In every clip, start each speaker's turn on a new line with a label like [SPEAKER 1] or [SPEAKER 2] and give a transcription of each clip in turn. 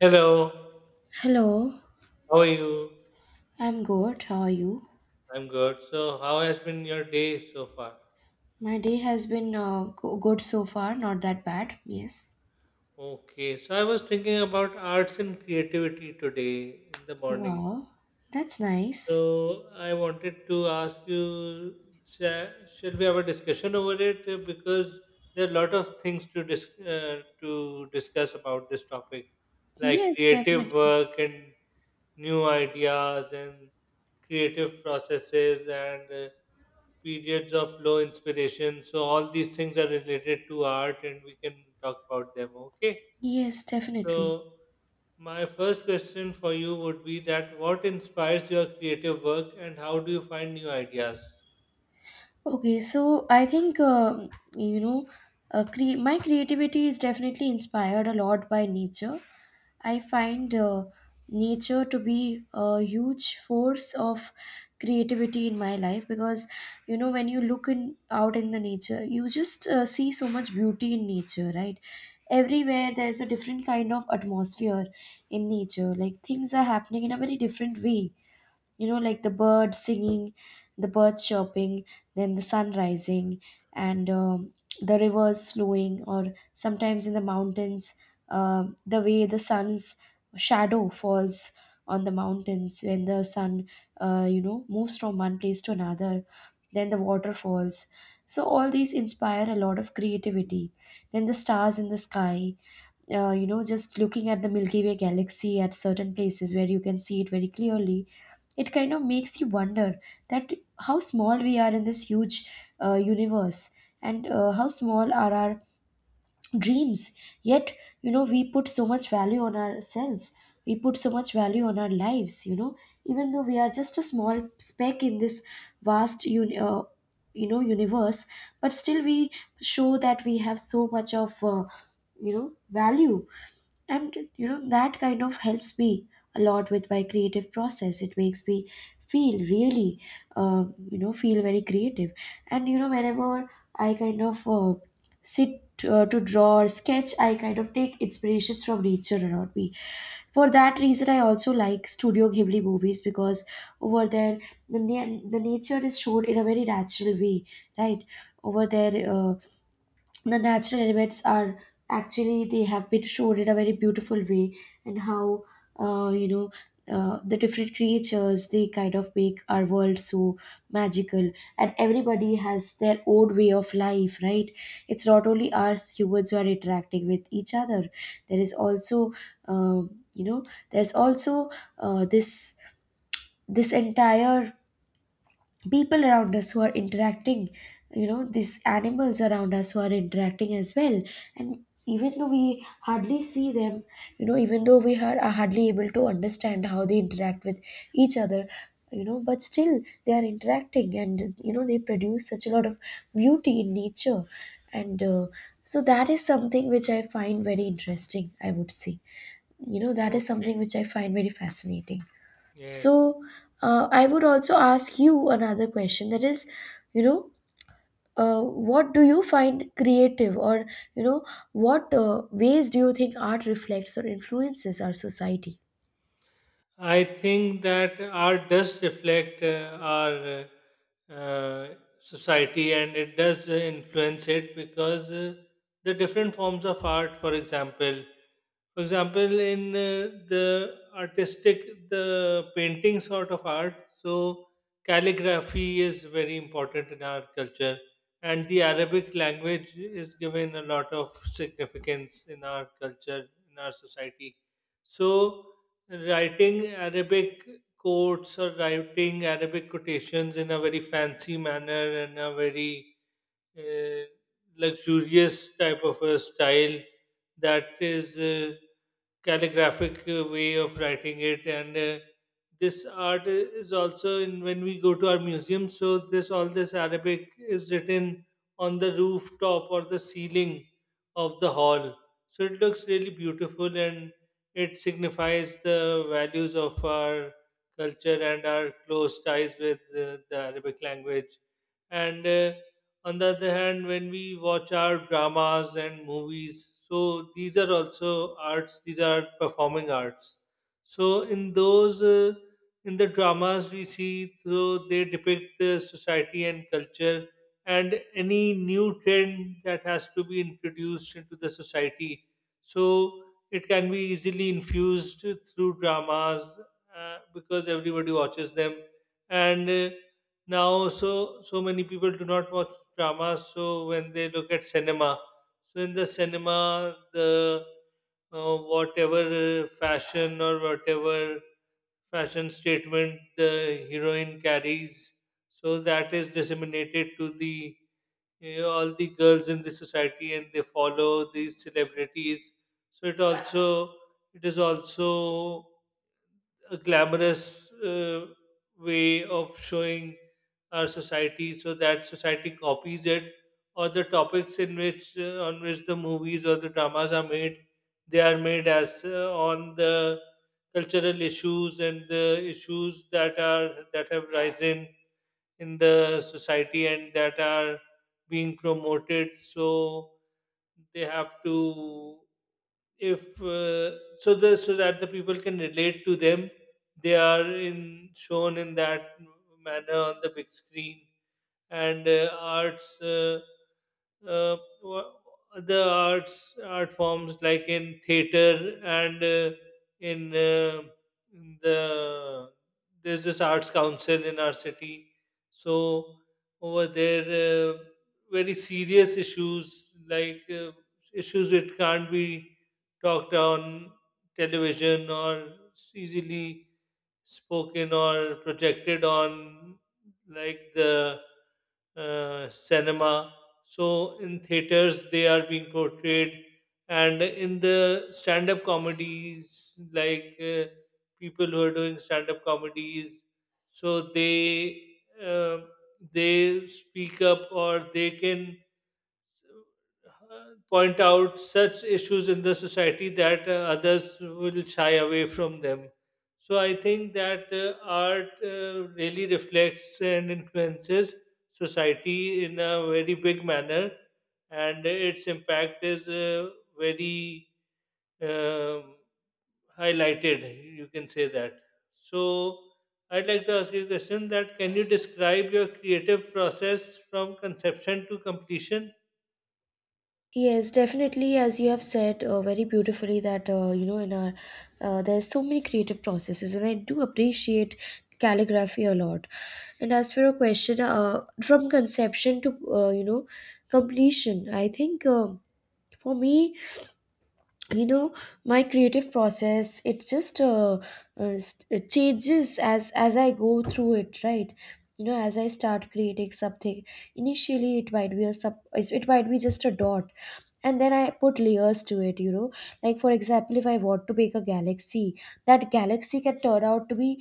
[SPEAKER 1] Hello,
[SPEAKER 2] Hello,
[SPEAKER 1] how are you?
[SPEAKER 2] I'm good. How are you?
[SPEAKER 1] I'm good. So, how has been your day so far?
[SPEAKER 2] My day has been good so far, not that bad. Yes.
[SPEAKER 1] Okay, so I was thinking about arts and creativity today in the morning.
[SPEAKER 2] Wow, that's nice.
[SPEAKER 1] So, I wanted to ask you, sha- shall we have a discussion over it? Because there are a lot of things to discuss about this topic, like
[SPEAKER 2] Yes,
[SPEAKER 1] creative
[SPEAKER 2] definitely.
[SPEAKER 1] work and new ideas and creative processes and periods of low inspiration. So all these things are related to art, and we can talk about them. Okay.
[SPEAKER 2] Yes, definitely.
[SPEAKER 1] So my first question for you would be that what inspires your creative work, and how do you find new ideas?
[SPEAKER 2] Okay, so I think my creativity is definitely inspired a lot by nature. I find nature to be a huge force of creativity in my life because you know, when you look in out in the nature, you just see so much beauty in nature, right? Everywhere there's a different kind of atmosphere in nature, like things are happening in a very different way, you know, like the birds singing, the birds chirping, then the sun rising, and the rivers flowing, or sometimes in the mountains, the way the sun's shadow falls on the mountains when the sun you know, moves from one place to another, then the waterfalls. So all these inspire a lot of creativity, then the stars in the sky. You know, just looking at the Milky Way galaxy at certain places where you can see it very clearly, it kind of makes you wonder that how small we are in this huge universe, and how small are our dreams. Yet, you know, we put so much value on ourselves. We put so much value on our lives, you know, even though we are just a small speck in this vast you know universe, but still we show that we have so much of you know value. And you know, that kind of helps me a lot with my creative process. It makes me feel really you know, feel very creative. And you know, whenever I kind of sit to draw or sketch, I kind of take inspirations from nature around me. For that reason, I also like Studio Ghibli movies because over there the nature is shown in a very natural way, right? Over there, the natural elements are actually, they have been shown in a very beautiful way. And how uh, you know the different creatures, they kind of make our world so magical. And everybody has their own way of life, right? It's not only us humans who are interacting with each other. There is also um, you know there's also uh, this this entire people around us who are interacting, you know, these animals around us who are interacting as well. And even though we hardly see them, you know, even though we are hardly able to understand how they interact with each other, you know, but still they are interacting, and you know, they produce such a lot of beauty in nature. And so that is something which I find very interesting, I would say. You know, that is
[SPEAKER 1] Okay.
[SPEAKER 2] something which I find very fascinating.
[SPEAKER 1] Yes.
[SPEAKER 2] So, I would also ask you another question, that is, you know, what do you find creative, or, you know, what ways do you think art reflects or influences our society?
[SPEAKER 1] I think that art does reflect our uh, society and it does influence it because the different forms of art, for example, in the painting sort of art, so calligraphy is very important in our culture, and the Arabic language is given a lot of significance in our culture, in our society. So, writing Arabic quotes or writing Arabic quotations in a very fancy manner and a very uh, luxurious type of a style that is calligraphic way of writing it, and this art is also in when we go to our museum. So this all this Arabic is written on the rooftop or the ceiling of the hall, so it looks really beautiful and it signifies the values of our culture and our close ties with the Arabic language. And on the other hand, when we watch our dramas and movies, so these are also arts, these are performing arts. So in those in the dramas we see, so they depict the society and culture, and any new trend that has to be introduced into the society, so it can be easily infused through dramas, because everybody watches them. And now so so many people do not watch dramas, so when they look at cinema, so in the cinema, the whatever fashion or whatever fashion statement the heroine carries, so that is disseminated to the all the girls in the society, and they follow these celebrities. So it also, it is also a glamorous way of showing our society so that society copies it. Or the topics in which the movies or the dramas are made, they are made as on the cultural issues and the issues that have risen in the society and that are being promoted, so they have to, if so the so that the people can relate to them, they are in shown in that manner on the big screen. And uh, wha- the arts art forms like in theater and in, uh, in the, there's this arts council in our city. So over there, uh, very serious issues like issues that can't be talked on television or easily spoken or projected on, like the cinema, so in theaters, they are being portrayed, and in the stand-up comedies, like people who are doing stand-up comedies, so they, uh, they speak up or they can point out such issues in the society that others will shy away from them. So I think that art really reflects and influences society in a very big manner, and its impact is very um highlighted. You can say that. So I'd like to ask you a question: that can you describe your creative process from conception to completion?
[SPEAKER 2] Yes, definitely. As you have said very beautifully, that you know, in our there's so many creative processes, and I do appreciate calligraphy a lot. And as for your question, from conception to you know completion, I think. For me, you know, my creative process, it just it changes as I go through it, right? You know, as I start creating something, initially it might be a it might be just a dot. And then I put layers to it, you know, like for example, if I want to make a galaxy, that galaxy can turn out to be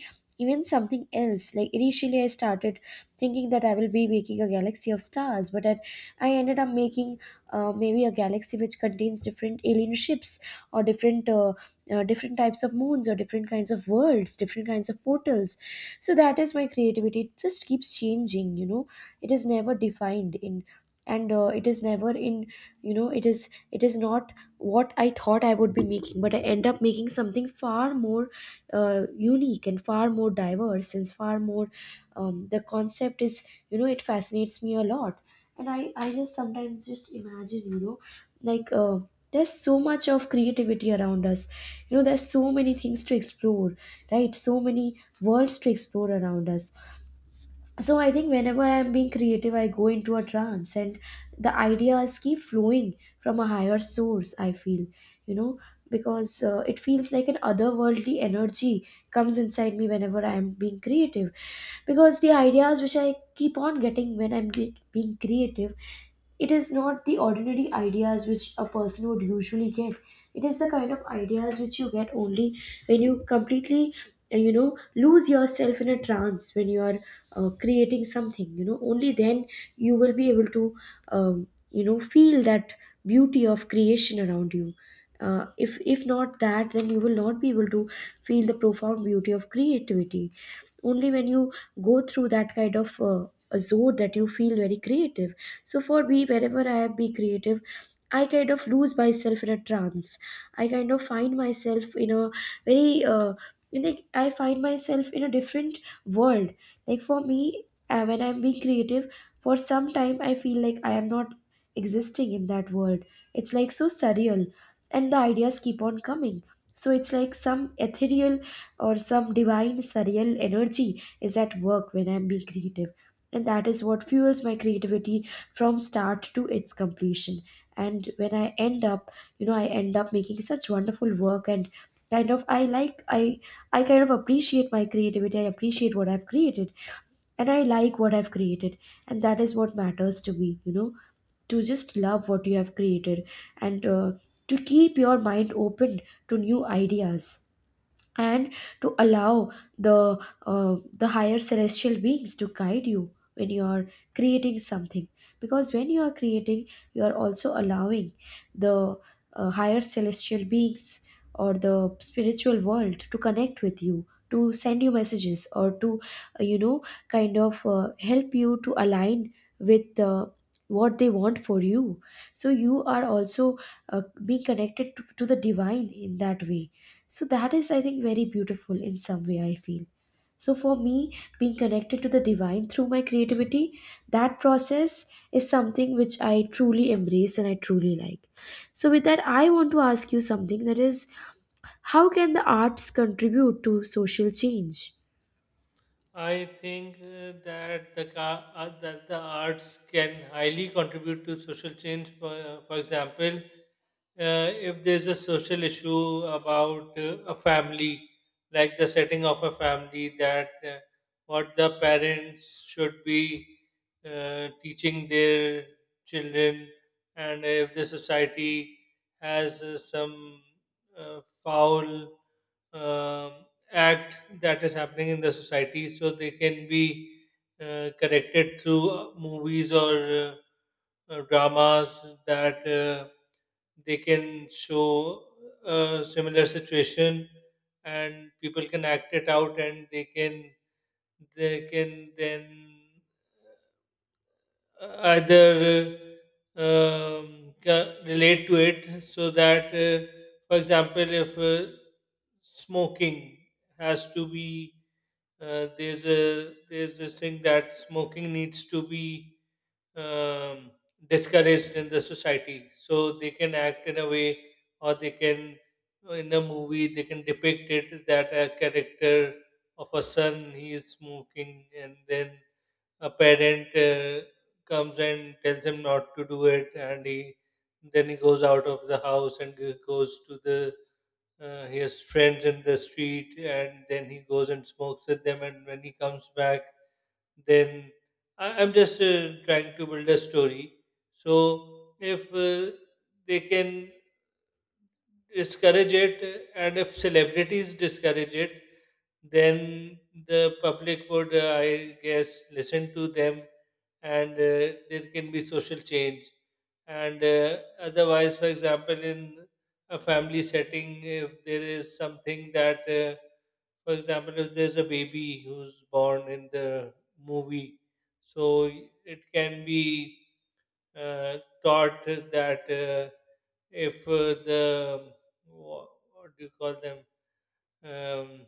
[SPEAKER 2] even something else. Like initially I started thinking that I will be making a galaxy of stars, but I ended up making maybe a galaxy which contains different alien ships, or different different types of moons, or different kinds of worlds, different kinds of portals. So that is my creativity. It just keeps changing, you know. It is never defined in, and it is never in, you know, it is, it is not what I thought I would be making, but I end up making something far more unique, and far more diverse, and far more the concept is, you know, it fascinates me a lot. And I just sometimes just imagine, you know, like there's so much of creativity around us, you know, there's so many things to explore, right? So many worlds to explore around us. So I think whenever I'm being creative, I go into a trance, and the ideas keep flowing from a higher source, I feel, you know, because it feels like an otherworldly energy comes inside me whenever I'm being creative. Because the ideas which I keep on getting when I'm being creative, it is not the ordinary ideas which a person would usually get. It is the kind of ideas which you get only when you completely you know, lose yourself in a trance. When you are creating something, you know, only then you will be able to you know, feel that beauty of creation around you. If not that, then you will not be able to feel the profound beauty of creativity. Only when you go through that kind of a zone that you feel very creative. So for me, whenever I be creative, I kind of lose myself in a trance. I kind of find myself in a very in like I find myself in a different world. Like for me, when I'm being creative, for some time I feel like I am not existing in that world. It's like so surreal, and the ideas keep on coming. So it's like some ethereal or some divine surreal energy is at work when I'm being creative. And that is what fuels my creativity from start to its completion. And when I end up, you know, I end up making such wonderful work, and kind of I like I kind of appreciate my creativity. I appreciate what I've created, and I like what I've created. And that is what matters to me, you know, to just love what you have created. And to keep your mind open to new ideas, and to allow the the higher celestial beings to guide you when you are creating something. Because when you are creating, you are also allowing the higher celestial beings or the spiritual world to connect with you, to send you messages, or to you know, kind of help you to align with what they want for you. So you are also being connected to the divine in that way. So that is, I think, very beautiful in some way, I feel. So for me, being connected to the divine through my creativity, that process is something which I truly embrace and I truly like. So, with that, I want to ask you something, that is, how can the arts contribute to social change?
[SPEAKER 1] I think that that the arts can highly contribute to social change. For example, if there's a social issue about a family, like the setting of a family, that what the parents should be teaching their children, and if the society has some foul um, act that is happening in the society, so they can be corrected through movies or dramas, that they can show a similar situation and people can act it out, and they can, they can then uh, either relate to it. So that for example, if smoking has to be, there's this thing that smoking needs to be um, discouraged in the society, so they can act in a way, or they can, in a movie, they can depict it that a character of a son, he is smoking, and then a parent comes and tells him not to do it, and he, then he goes out of the house, and goes to the he has friends in the street, and then he goes and smokes with them, and when he comes back, then, I'm just trying to build a story. So if they can discourage it, and if celebrities discourage it, then the public would, I guess, listen to them, and there can be social change. And otherwise, for example, in a family setting, if there is something that, for example, if there's a baby who's born in the movie, so it can be uh, taught that if the wha- what do you call them, um,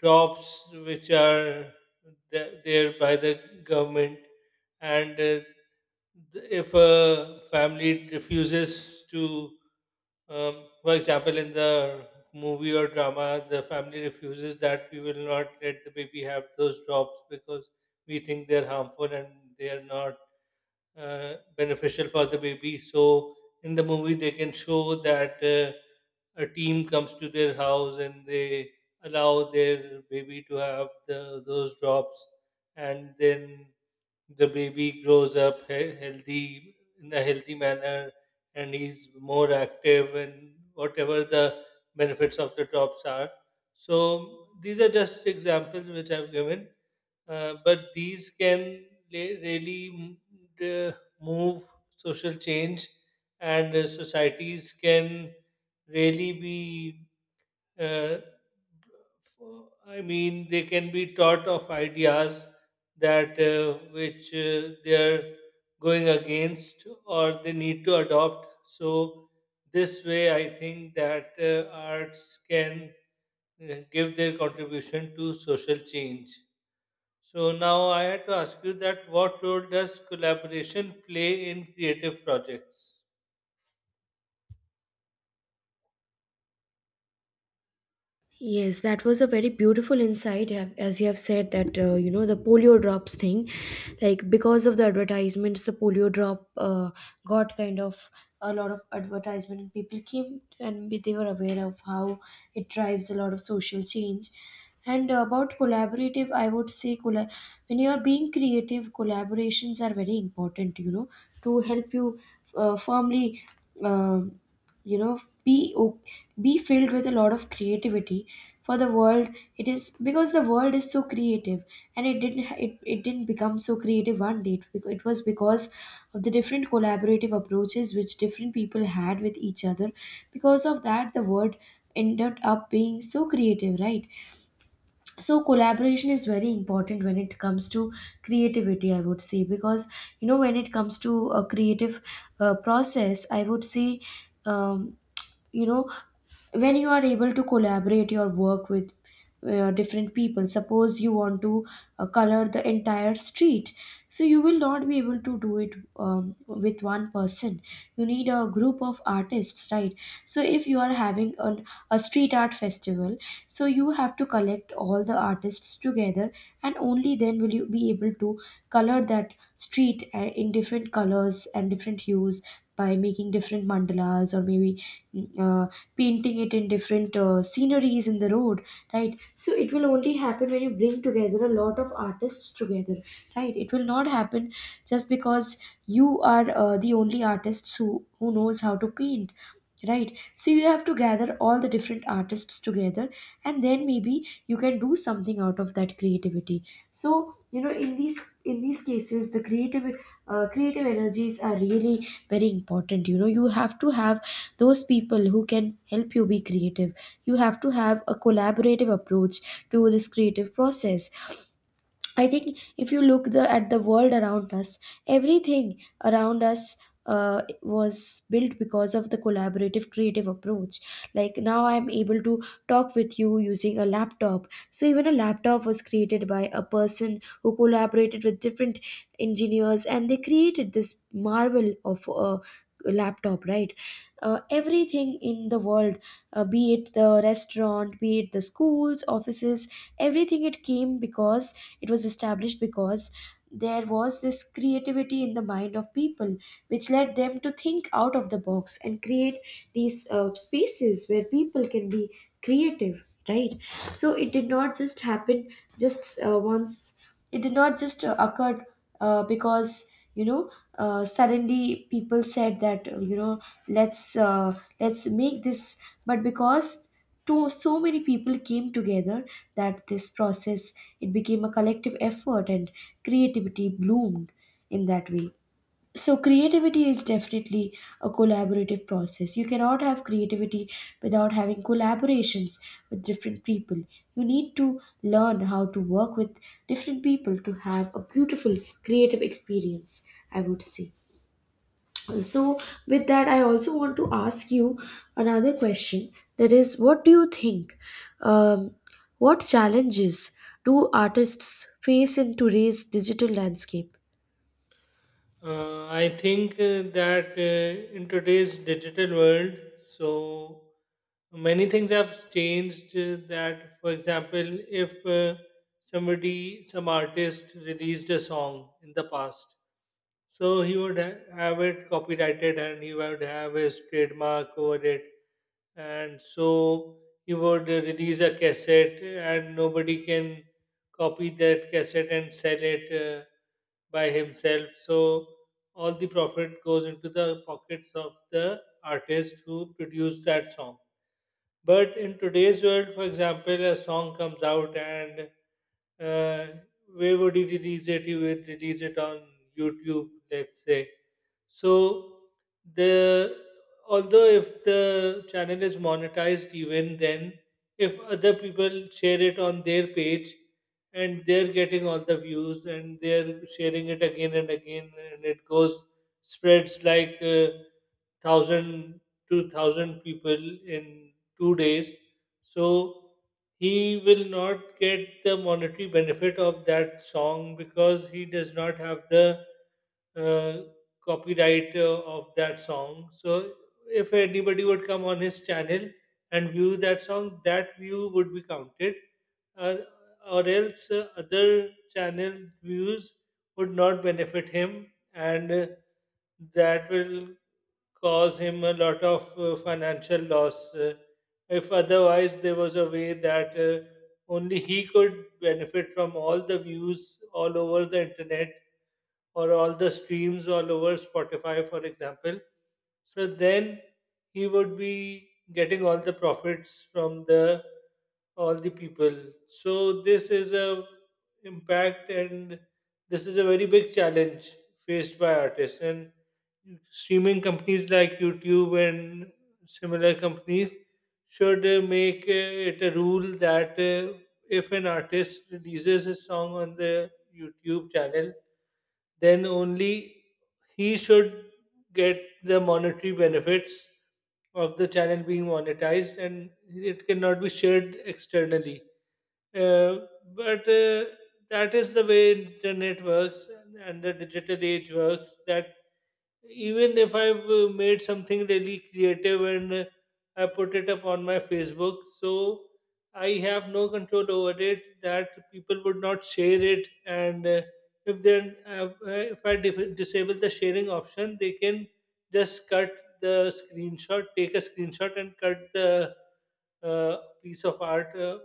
[SPEAKER 1] jobs which are there by the government, and if a family refuses to, for example, in the movie or drama, the family refuses that we will not let the baby have those drops because we think they're harmful and they are not beneficial for the baby. So in the movie, they can show that. A team comes to their house and they allow their baby to have those drops, and then the baby grows up healthy, in a healthy manner, and he's more active, and whatever the benefits of the drops are. So these are just examples which I've given, but these can really d- move social change, and societies can really be. Uh, f- I mean, they can be taught of ideas that which they are going against or they need to adopt. So this way, I think that arts can give their contribution to social change. So now I had to ask you that what role does collaboration play in creative projects?
[SPEAKER 2] Yes, that was a very beautiful insight, as you have said that, you know, the polio drops thing, like because of the advertisements, the polio drop got kind of a lot of advertisement, and people came and they were aware of how it drives a lot of social change. And about collaborative, I would say when you are being creative, collaborations are very important. You know, to help you firmly. um you know, be filled with a lot of creativity for the world. It is because the world is so creative, and it didn't ha- it didn't become so creative one day. It was because of the different collaborative approaches which different people had with each other. Because of that, the world ended up being so creative, right? So collaboration is very important when it comes to creativity, I would say, because you know, when it comes to a creative process, I would say um, you know, when you are able to collaborate your work with different people, suppose you want to color the entire street, so you will not be able to do it with one person. You need a group of artists, right? So if you are having a street art festival, so you have to collect all the artists together, and only then will you be able to color that street in different colors and different hues, by making different mandalas, or maybe mm, uh, painting it in different sceneries in the road, right? So it will only happen when you bring together a lot of artists together, right? It will not happen just because you are the only artists who knows how to paint. Right. So you have to gather all the different artists together, and then maybe you can do something out of that creativity. So, you know, in these cases the creative creative energies are really very important. You know, you have to have those people who can help you be creative. You have to have a collaborative approach to this creative process. I think if you look the at the world around us, everything around us was built because of the collaborative creative approach. Like now I'm able to talk with you using a laptop. So even a laptop was created by a person who collaborated with different engineers, and they created this marvel of a laptop, right? Everything in the world, be it the restaurant, be it the schools, offices, everything, it came because it was established because there was this creativity in the mind of people, which led them to think out of the box and create these spaces where people can be creative, right? So it did not just happen just once, it did not just occur because, you know, suddenly people said that, let's make this, but because to so many people came together that this process, it became a collective effort and creativity bloomed in that way. So creativity is definitely a collaborative process. You cannot have creativity without having collaborations with different people. You need to learn how to work with different people to have a beautiful creative experience, I would say. So with that, I also want to ask you another question, that is, what do you think, um, what challenges do artists face in today's digital landscape?
[SPEAKER 1] I think that in today's digital world, so many things have changed. That, for example, if somebody, some artist released a song in the past, so he would have it copyrighted, and he would have his trademark over it. And so he would release a cassette, and nobody can copy that cassette and sell it by himself. So all the profit goes into the pockets of the artist who produced that song. But in today's world, for example, a song comes out, and uh, where would you release it? You would release it on YouTube, let's say. So the, although if the channel is monetized, even then, if other people share it on their page and they're getting all the views and they're sharing it again and again, and it goes spreads like thousand, 2,000 people in 2 days. So he will not get the monetary benefit of that song because he does not have the uh, copyright of that song. So if anybody would come on his channel and view that song, that view would be counted, uh, or else other channel views would not benefit him, and that will cause him a lot of financial loss. If otherwise there was a way that only he could benefit from all the views all over the internet, or all the streams all over Spotify, for example, so then he would be getting all the profits from the all the people. So this is a, impact, and this is a very big challenge faced by artists, and streaming companies like YouTube and similar companies should make it a rule that if an artist releases a song on the YouTube channel, then only he should get the monetary benefits of the channel being monetized, and it cannot be shared externally. Uh, but That is the way internet works and the digital age works, that even if I've made something really creative, and I put it up on my Facebook, so I have no control over it, that people would not share it. And if then if I disable the sharing option, they can just take a screenshot and cut the uh, piece of art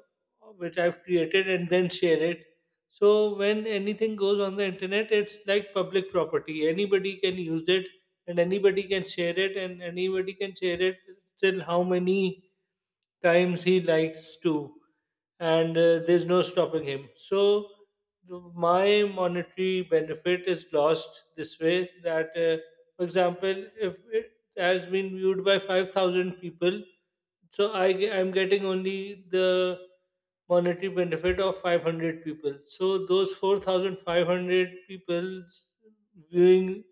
[SPEAKER 1] which I've created, and then share it. So when anything goes on the internet, it's like public property. Anybody can use it, and anybody can share it, and anybody can share it till how many times he likes to, and there's no stopping him. So, my monetary benefit is lost this way that, for example, if it has been viewed by 5,000 people, so I'm getting only the monetary benefit of 500 people. So, those 4,500 people's viewing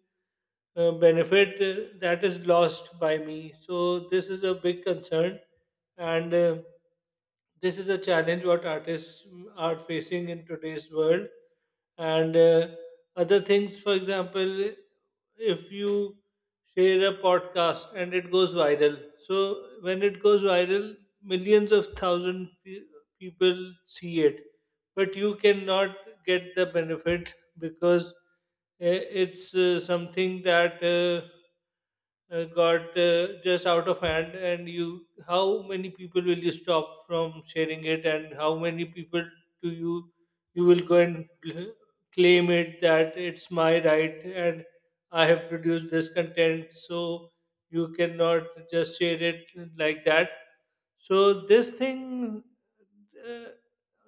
[SPEAKER 1] benefit that is lost by me. So this is a big concern and this is a challenge what artists are facing in today's world and other things, for example, if you share a podcast and it goes viral. So when it goes viral, millions of thousand people see it, but you cannot get the benefit because it's something that got just out of hand. And you, how many people will you stop from sharing it? And how many people do you you will go and claim it that it's my right and I have produced this content, so you cannot just share it like that. So this thing, uh,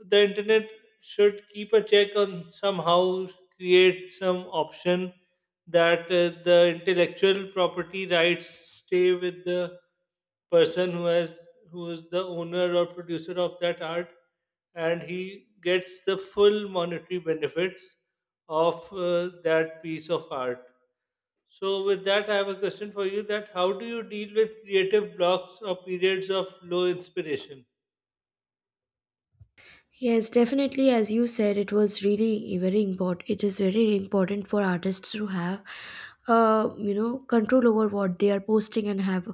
[SPEAKER 1] the internet should keep a check on, somehow create some option that the intellectual property rights stay with the person who has who is the owner or producer of that art, and he gets the full monetary benefits of that piece of art. So with that, I have a question for you: that how do you deal with creative blocks or periods of low inspiration?
[SPEAKER 2] Yes, definitely. As you said, it was really very important. It is very important for artists to have, you know, control over what they are posting and have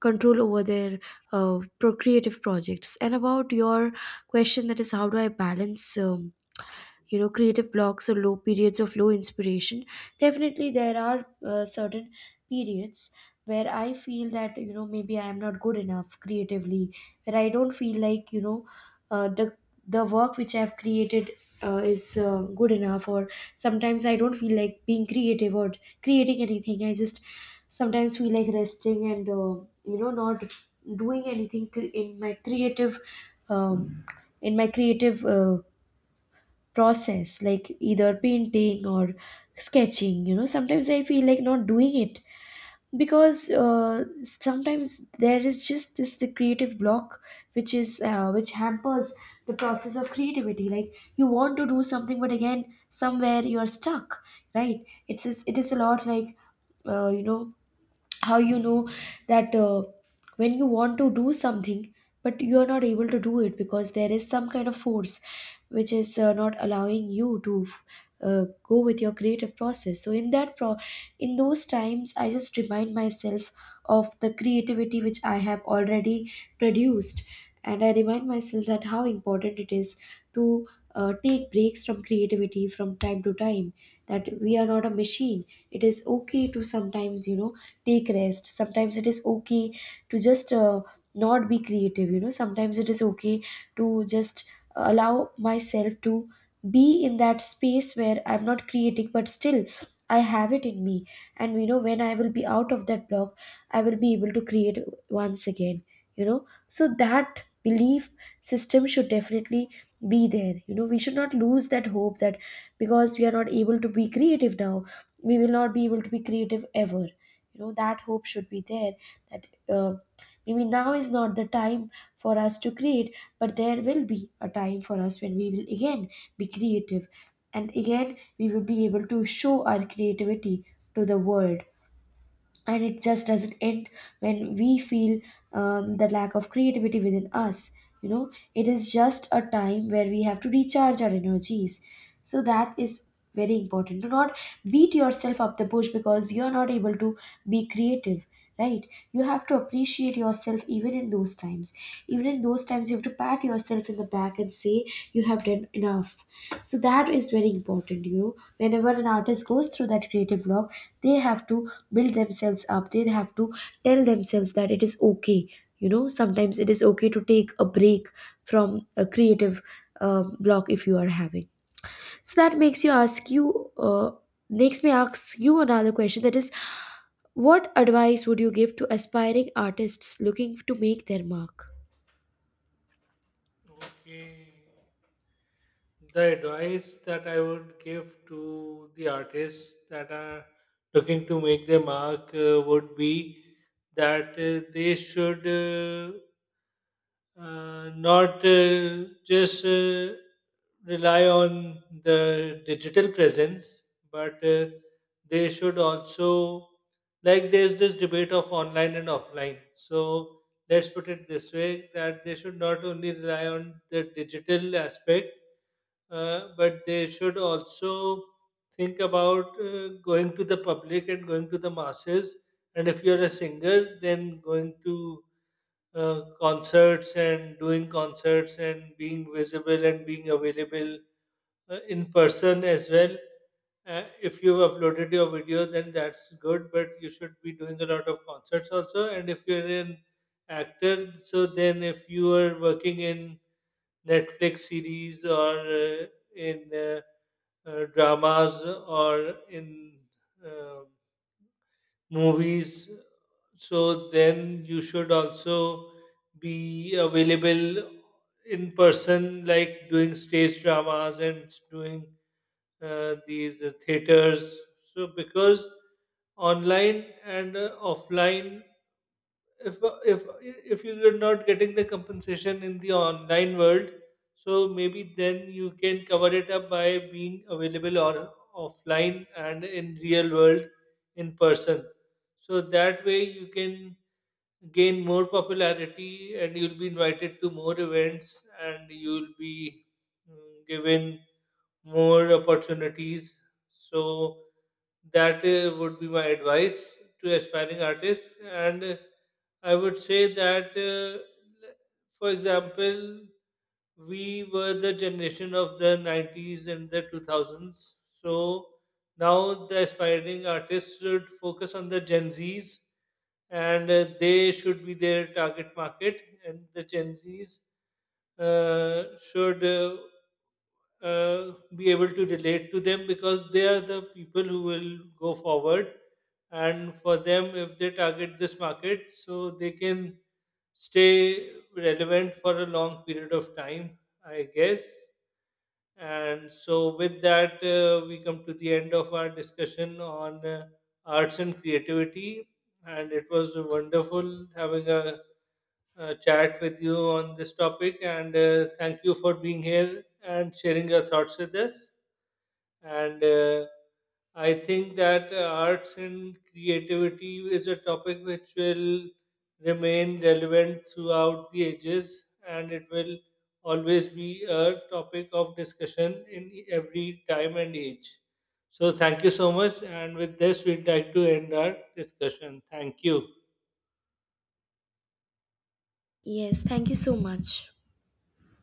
[SPEAKER 2] control over their procreative projects. And about your question, that is, how do I balance? You know, creative blocks or low periods of low inspiration, definitely there are certain periods where I feel that, you know, maybe I am not good enough creatively, where I don't feel like, you know, uh, the the work which I have created is good enough, or sometimes I don't feel like being creative or creating anything. I just sometimes feel like resting and, you know, not doing anything in my creative um, in my creative process, like either painting or sketching. You know, sometimes I feel like not doing it because sometimes there is just this the creative block which is which hampers the process of creativity. Like you want to do something, but again somewhere you are stuck, right? It's just, it is a lot like, you know, how, you know, that when you want to do something but you are not able to do it because there is some kind of force which is not allowing you to go with your creative process. So in that pro in those times, I just remind myself of the creativity which I have already produced, and I remind myself that how important it is to take breaks from creativity from time to time, that we are not a machine. It is okay to sometimes, you know, take rest. Sometimes it is okay to just not be creative. You know, sometimes it is okay to just allow myself to be in that space where I'm not creating, but still I have it in me. And you know, when I will be out of that block, I will be able to create once again. You know, so that belief system should definitely be there. You know, we should not lose that hope that because we are not able to be creative now, we will not be able to be creative ever. You know, that hope should be there that uh, maybe now is not the time for us to create, but there will be a time for us when we will again be creative, and again we will be able to show our creativity to the world. And it just doesn't end when we feel the lack of creativity within us. You know, it is just a time where we have to recharge our energies. So that is very important. Do not beat yourself up the bush because you're not able to be creative, right? You have to appreciate yourself even in those times. Even in those times, you have to pat yourself in the back and say you have done enough. So that is very important. You know, whenever an artist goes through that creative block, they have to build themselves up. They have to tell themselves that it is okay. You know, sometimes it is okay to take a break from a creative block if you are having. So that makes you ask you makes me ask you another question, that is, what advice would you give to aspiring artists looking to make their mark?
[SPEAKER 1] Okay, the advice that I would give to the artists that are looking to make their mark would be that they should not just rely on the digital presence, but they should also, like, there's this debate of online and offline. So let's put it this way, that they should not only rely on the digital aspect, but they should also think about going to the public and going to the masses. And if you're a singer, then going to concerts and doing concerts and being visible and being available in person as well. If you've uploaded your video, then that's good, but you should be doing a lot of concerts also. And if you're an actor, so then if you are working in Netflix series or in dramas or in uh, movies. So then you should also be available in person, like doing stage dramas and doing these theaters. So because online and offline, if if you're not getting the compensation in the online world, so maybe then you can cover it up by being available or offline and in real world, in person. So that way you can gain more popularity and you'll be invited to more events and you'll be given more opportunities. So that would be my advice to aspiring artists. And I would say that, for example, we were the generation of the 90s and the 2000s. So now the aspiring artists should focus on the Gen Zs, and they should be their target market, and the Gen Zs should be able to relate to them because they are the people who will go forward. And for them, if they target this market, so they can stay relevant for a long period of time, I guess. And so, with that, we come to the end of our discussion on arts and creativity. And it was wonderful having a, chat with you on this topic. And thank you for being here and sharing your thoughts with us, and I think that arts and creativity is a topic which will remain relevant throughout the ages, and it will always be a topic of discussion in e, every time and age. So, thank you so much. And with this, we'd like to end our discussion. Thank you.
[SPEAKER 2] Yes, thank you so much.